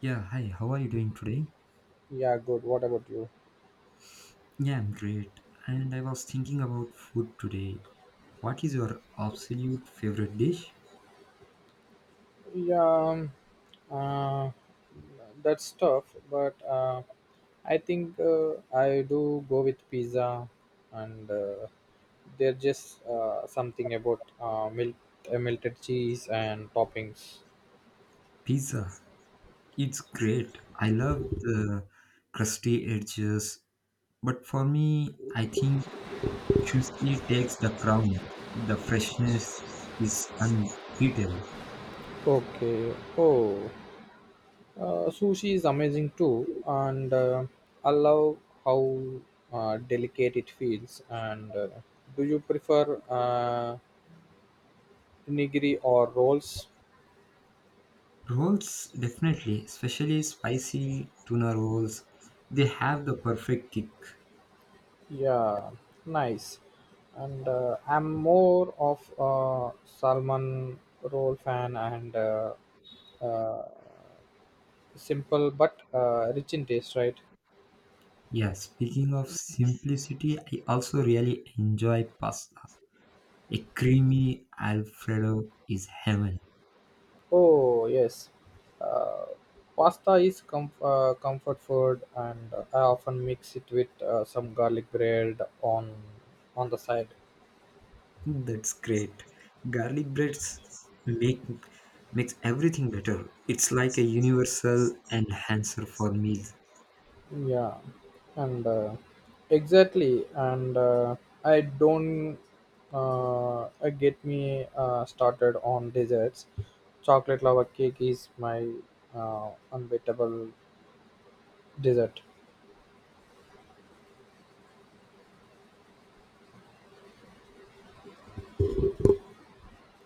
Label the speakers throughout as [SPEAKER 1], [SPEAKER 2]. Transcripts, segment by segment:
[SPEAKER 1] Yeah, hi, how are you doing today?
[SPEAKER 2] Yeah, good. What about you?
[SPEAKER 1] Yeah, I'm great. And I was thinking about food today. What is your absolute favorite dish?
[SPEAKER 2] Yeah, um, uh, that's tough, but I think I do go with pizza, and there's just something about milk, melted cheese and toppings.
[SPEAKER 1] Pizza. It's great. I love the crusty edges, but for me, I think sushi takes the crown. The freshness is unbeatable.
[SPEAKER 2] Okay. Oh, sushi is amazing too, and I love how delicate it feels. And do you prefer nigiri or rolls?
[SPEAKER 1] Rolls, definitely, especially spicy tuna rolls, they have the perfect kick.
[SPEAKER 2] Yeah, nice. And I'm more of a Salman roll fan and uh, simple but rich in taste, right?
[SPEAKER 1] Yeah, speaking of simplicity, I also really enjoy pasta. A creamy Alfredo is heaven.
[SPEAKER 2] Oh, yes. Uh, pasta is comfort food, and I often mix it with some garlic bread on the side.
[SPEAKER 1] That's great. Garlic breads make makes everything better. It's like a universal enhancer for meals.
[SPEAKER 2] Yeah, and exactly, and I don't get me started on desserts. Chocolate lava cake is my unbeatable dessert.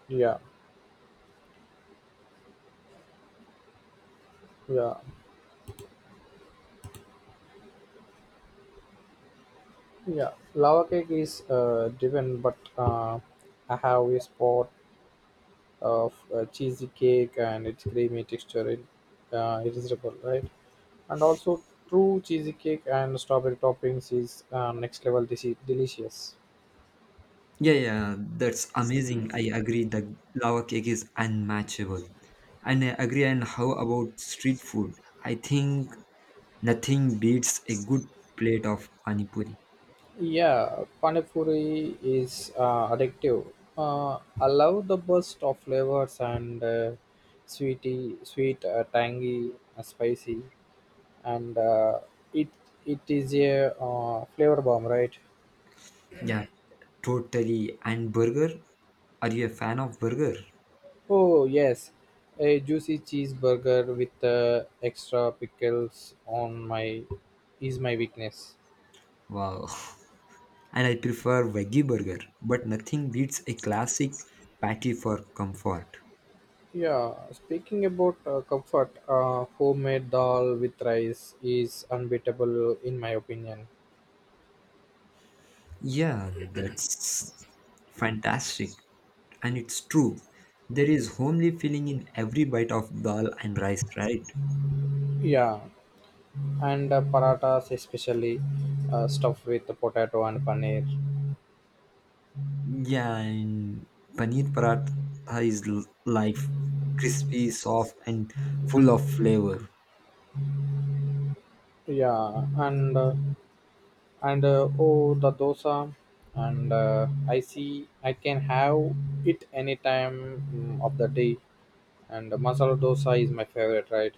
[SPEAKER 2] Yeah, yeah, yeah. Lava cake is driven, but I have a spot of cheesy cake, and its creamy texture is irresistible, right? And also, true cheesy cake and strawberry toppings is next level delicious.
[SPEAKER 1] Yeah, yeah, that's amazing. I agree that lava cake is unmatchable. And I agree. And how about street food? I think nothing beats a good plate of pani puri.
[SPEAKER 2] Yeah, panipuri is addictive. Allow the burst of flavors and sweety, sweet, tangy, spicy, and it it is a flavor bomb, right?
[SPEAKER 1] Yeah, totally. And burger? Are you a fan of burger?
[SPEAKER 2] Oh yes, a juicy cheeseburger with extra pickles on my is my weakness.
[SPEAKER 1] Wow. And I prefer veggie burger, but nothing beats a classic patty for comfort.
[SPEAKER 2] Yeah, speaking about comfort, homemade dal with rice is unbeatable in my opinion.
[SPEAKER 1] Yeah, that's fantastic. And it's true. There is homely feeling in every bite of dal and rice, right?
[SPEAKER 2] Yeah, and paratas, especially stuffed with potato and paneer.
[SPEAKER 1] Yeah, and paneer paratha is life, crispy, soft, and full of flavor.
[SPEAKER 2] Yeah, and oh, the dosa, and I see I can have it any time, of the day, and the masala dosa is my favorite, right?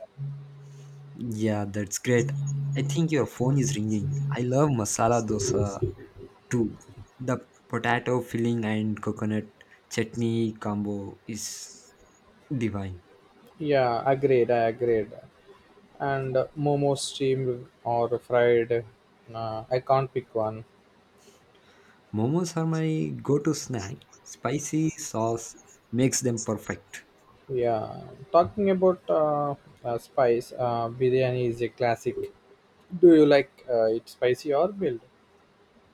[SPEAKER 1] Yeah, that's great. I think your phone is ringing. I love masala dosa too. The potato filling and coconut chutney combo is divine.
[SPEAKER 2] Yeah, agreed, I agreed. And momo, steamed or fried, I can't pick one.
[SPEAKER 1] Momos are my go-to snack. Spicy sauce makes them perfect.
[SPEAKER 2] Yeah, talking about spice, biryani is a classic. Do you like it spicy or mild?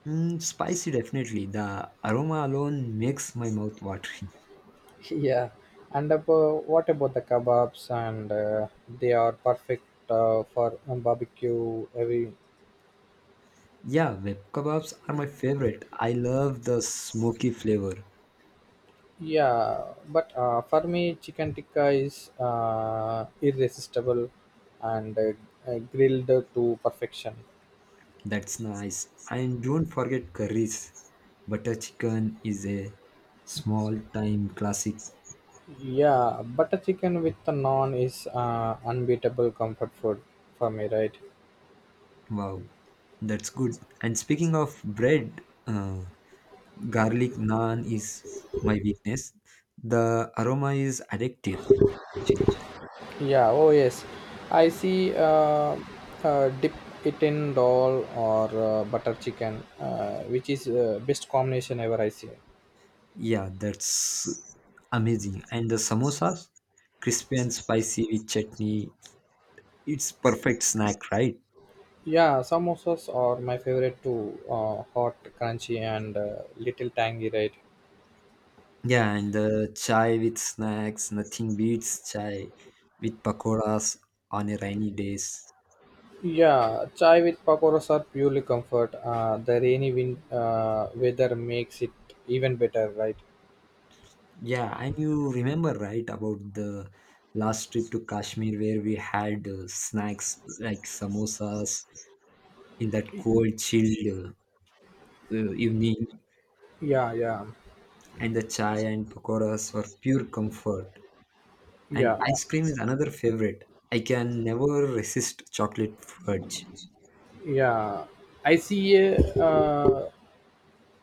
[SPEAKER 1] Mm, spicy definitely. The aroma alone makes my mouth watering.
[SPEAKER 2] Yeah, and about, what about the kebabs? And they are perfect for barbecue. Every
[SPEAKER 1] Yeah, web kebabs are my favorite. I love the smoky flavor.
[SPEAKER 2] yeah, but for me, chicken tikka is irresistible and grilled to perfection.
[SPEAKER 1] That's nice. And don't forget curries. Butter chicken is a small time classic.
[SPEAKER 2] Yeah, butter chicken with the naan is unbeatable comfort food for me, right?
[SPEAKER 1] Wow, that's good. And speaking of bread, uh, garlic naan is my weakness. The aroma is addictive, actually.
[SPEAKER 2] Yeah, oh yes. I see dip it in dal or butter chicken, which is best combination ever, I see.
[SPEAKER 1] Yeah, that's amazing. And the samosas, crispy and spicy with chutney. It's perfect snack, right?
[SPEAKER 2] Yeah, samosas are my favorite too. Hot, crunchy, and little tangy, right?
[SPEAKER 1] Yeah, and the chai with snacks, nothing beats chai with pakoras on a rainy days.
[SPEAKER 2] Yeah, chai with pakoras are purely comfort. The rainy wind weather makes it even better, right?
[SPEAKER 1] Yeah, and you remember right about the last trip to Kashmir where we had snacks like samosas in that cold, chilled evening,
[SPEAKER 2] Yeah, yeah,
[SPEAKER 1] and the chai and pakoras were pure comfort. And
[SPEAKER 2] yeah,
[SPEAKER 1] ice cream is another favorite. I can never resist chocolate fudge.
[SPEAKER 2] yeah. I see a uh,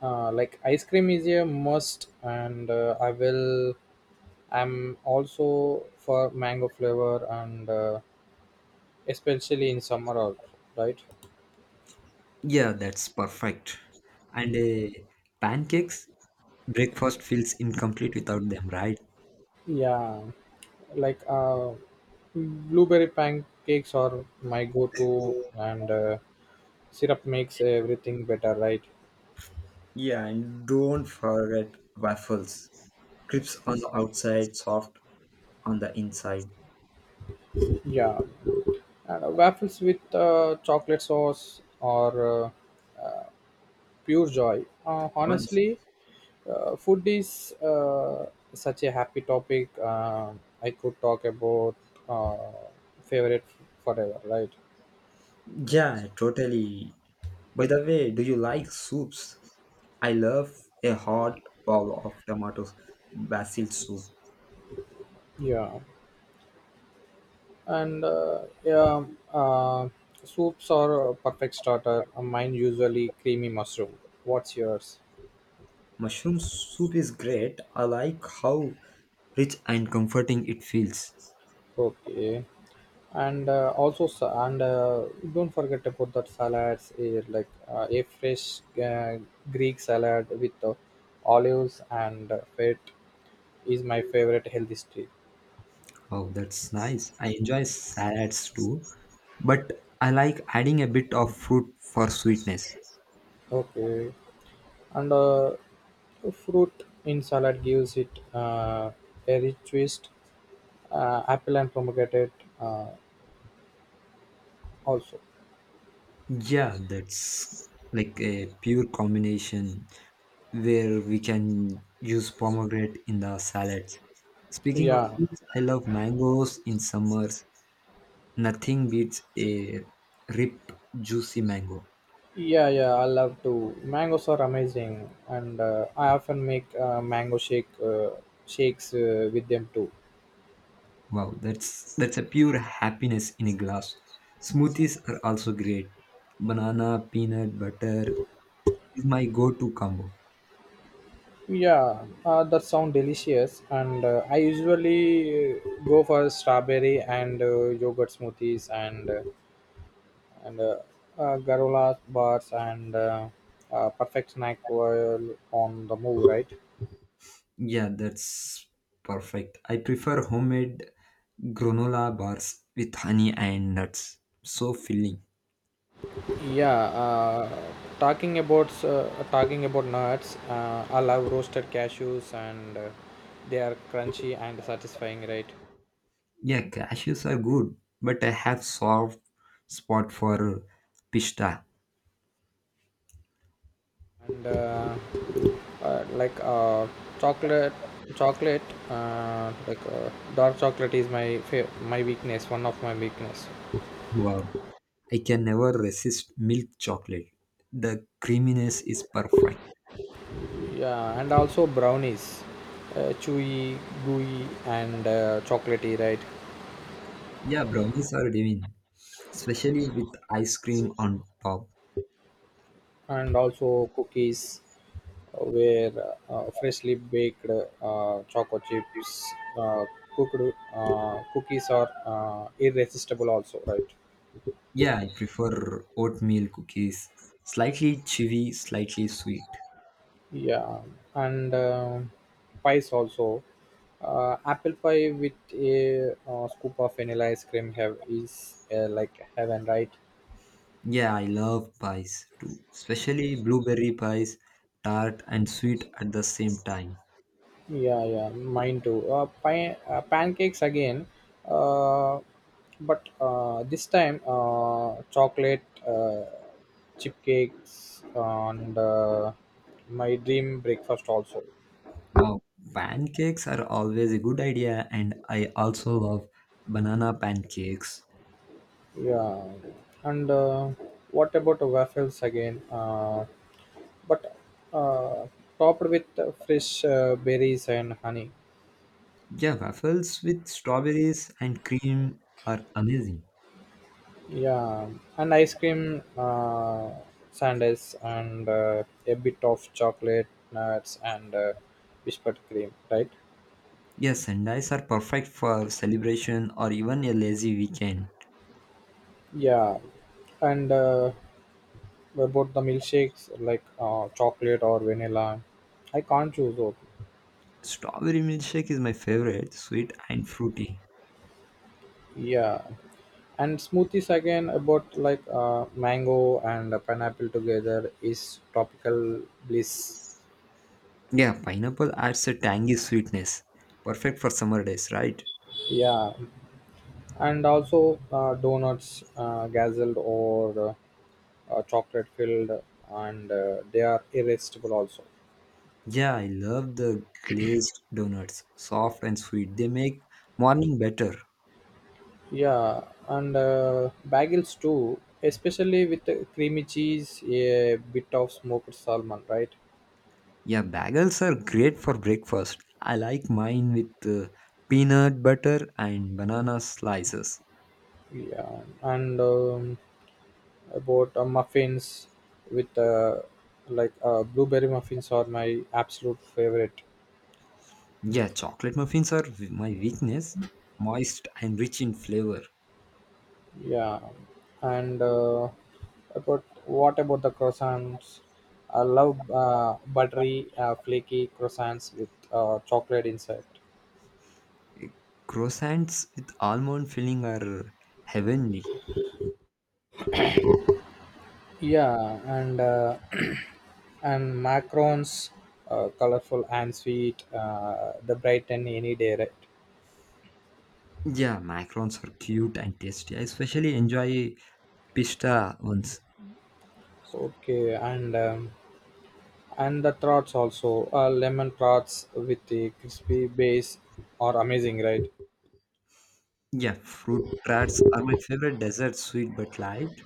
[SPEAKER 2] like ice cream is a must, and I will, I'm also for mango flavor, and especially in summer also, right?
[SPEAKER 1] Yeah, that's perfect. And pancakes, breakfast feels incomplete without them, right?
[SPEAKER 2] Yeah, like blueberry pancakes are my go-to, and syrup makes everything better, right?
[SPEAKER 1] Yeah, and don't forget waffles. Crisp on the outside, soft on the inside.
[SPEAKER 2] Yeah, and waffles with chocolate sauce or pure joy.
[SPEAKER 1] One.
[SPEAKER 2] Honestly, food is such a happy topic. I could talk about uh, favorite forever, right?
[SPEAKER 1] Yeah, totally. By the way, do you like soups? I love a hot bowl of tomatoes, basil soup.
[SPEAKER 2] Yeah. And yeah, uh, soups are a perfect starter. Mine usually creamy mushroom. What's yours?
[SPEAKER 1] Mushroom soup is great. I like how rich and comforting it feels.
[SPEAKER 2] Okay, and also sa- and don't forget about that salads, eh, like a fresh Greek salad with olives and fat is my favorite healthy street.
[SPEAKER 1] Oh, that's nice. I enjoy salads too, but I like adding a bit of fruit for sweetness.
[SPEAKER 2] Okay, and fruit in salad gives it a rich twist. Apple and pomegranate uh, also.
[SPEAKER 1] Yeah, that's like a pure combination where we can use pomegranate in the salads. Speaking of
[SPEAKER 2] Yeah,
[SPEAKER 1] fruits, I love mangoes in summers. Nothing beats a ripe, juicy mango.
[SPEAKER 2] yeah, yeah, I love to. Mangoes are amazing, and I often make mango shakes with them too.
[SPEAKER 1] Wow, that's a pure happiness in a glass. Smoothies are also great. Banana, peanut butter, is my go-to combo.
[SPEAKER 2] Yeah, that sound delicious, and I usually go for strawberry and yogurt smoothies, and and uh, granola bars, and perfect snack while on the move, right?
[SPEAKER 1] Yeah, that's perfect. I prefer homemade granola bars with honey and nuts. So filling.
[SPEAKER 2] Yeah, talking about nuts, I love roasted cashews, and they are crunchy and satisfying, right?
[SPEAKER 1] Yeah, cashews are good, but I have soft spot for pista.
[SPEAKER 2] And like chocolate, chocolate, like dark chocolate is my my weakness, one of my weakness.
[SPEAKER 1] Wow, I can never resist milk chocolate. The creaminess is perfect.
[SPEAKER 2] Yeah, and also brownies, chewy, gooey, and chocolatey, right?
[SPEAKER 1] Yeah, brownies are divine, especially with ice cream on top.
[SPEAKER 2] And also cookies where freshly baked choco chips, cooked cookies are irresistible also, right?
[SPEAKER 1] Yeah, I prefer oatmeal cookies. Slightly chewy, slightly sweet.
[SPEAKER 2] Yeah, and pies also. Apple pie with a scoop of vanilla ice cream have is like heaven, right?
[SPEAKER 1] Yeah, I love pies too, especially blueberry pies, tart and sweet at the same time.
[SPEAKER 2] Yeah, yeah, mine too. Pancakes again, uh, but this time chocolate chip cakes, and my dream breakfast also.
[SPEAKER 1] Wow, pancakes are always a good idea, and I also love banana pancakes.
[SPEAKER 2] Yeah, and what about the waffles again? But uh, topped with fresh berries and honey.
[SPEAKER 1] Yeah, waffles with strawberries and cream are amazing.
[SPEAKER 2] Yeah, and ice cream, sundaes, and a bit of chocolate, nuts, and whispered cream, right?
[SPEAKER 1] Yes, sundaes are perfect for celebration or even a lazy weekend.
[SPEAKER 2] Yeah, and about the milkshakes, like chocolate or vanilla, I can't choose those.
[SPEAKER 1] Strawberry milkshake is my favorite, sweet and fruity.
[SPEAKER 2] Yeah, and smoothies again, about, like mango and pineapple together is tropical bliss.
[SPEAKER 1] Yeah, pineapple adds a tangy sweetness. Perfect for summer days, right?
[SPEAKER 2] Yeah, and also donuts, gazelle or. Chocolate filled, and they are irresistible also.
[SPEAKER 1] Yeah, I love the glazed donuts, soft and sweet. They make morning better.
[SPEAKER 2] Yeah, and bagels too, especially with the creamy cheese, a bit of smoked salmon, right?
[SPEAKER 1] Yeah, bagels are great for breakfast. I like mine with peanut butter and banana slices.
[SPEAKER 2] Yeah, and about muffins with like blueberry muffins are my absolute favorite.
[SPEAKER 1] Yeah, chocolate muffins are my weakness. Moist and rich in flavor.
[SPEAKER 2] Yeah, and about, what about the croissants? I love buttery, flaky croissants with chocolate inside.
[SPEAKER 1] Croissants with almond filling are heavenly.
[SPEAKER 2] Yeah, and and macarons, colorful and sweet. The brighten any day, right?
[SPEAKER 1] Yeah, macarons are cute and tasty. I especially enjoy pista ones.
[SPEAKER 2] Okay, and the trots also. Lemon trots with the crispy base are amazing, right?
[SPEAKER 1] Yeah, fruit tarts are my favorite dessert, sweet but light.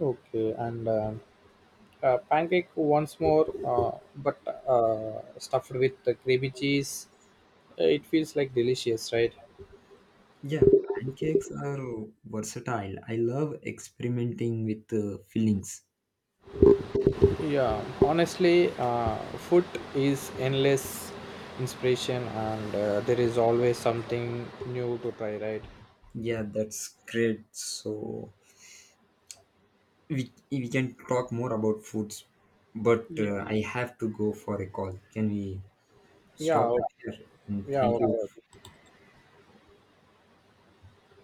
[SPEAKER 2] Okay, and. Pancake once more, but stuffed with the creamy cheese. It feels like delicious, right?
[SPEAKER 1] Yeah, pancakes are versatile. I love experimenting with fillings.
[SPEAKER 2] Yeah, honestly, food is endless inspiration, and there is always something new to try, right?
[SPEAKER 1] Yeah, that's great. So we can talk more about foods, but
[SPEAKER 2] Yeah,
[SPEAKER 1] I have to go for a call. Can we
[SPEAKER 2] yeah,
[SPEAKER 1] stop it
[SPEAKER 2] o-
[SPEAKER 1] here? And
[SPEAKER 2] yeah.
[SPEAKER 1] thank you
[SPEAKER 2] Okay, okay.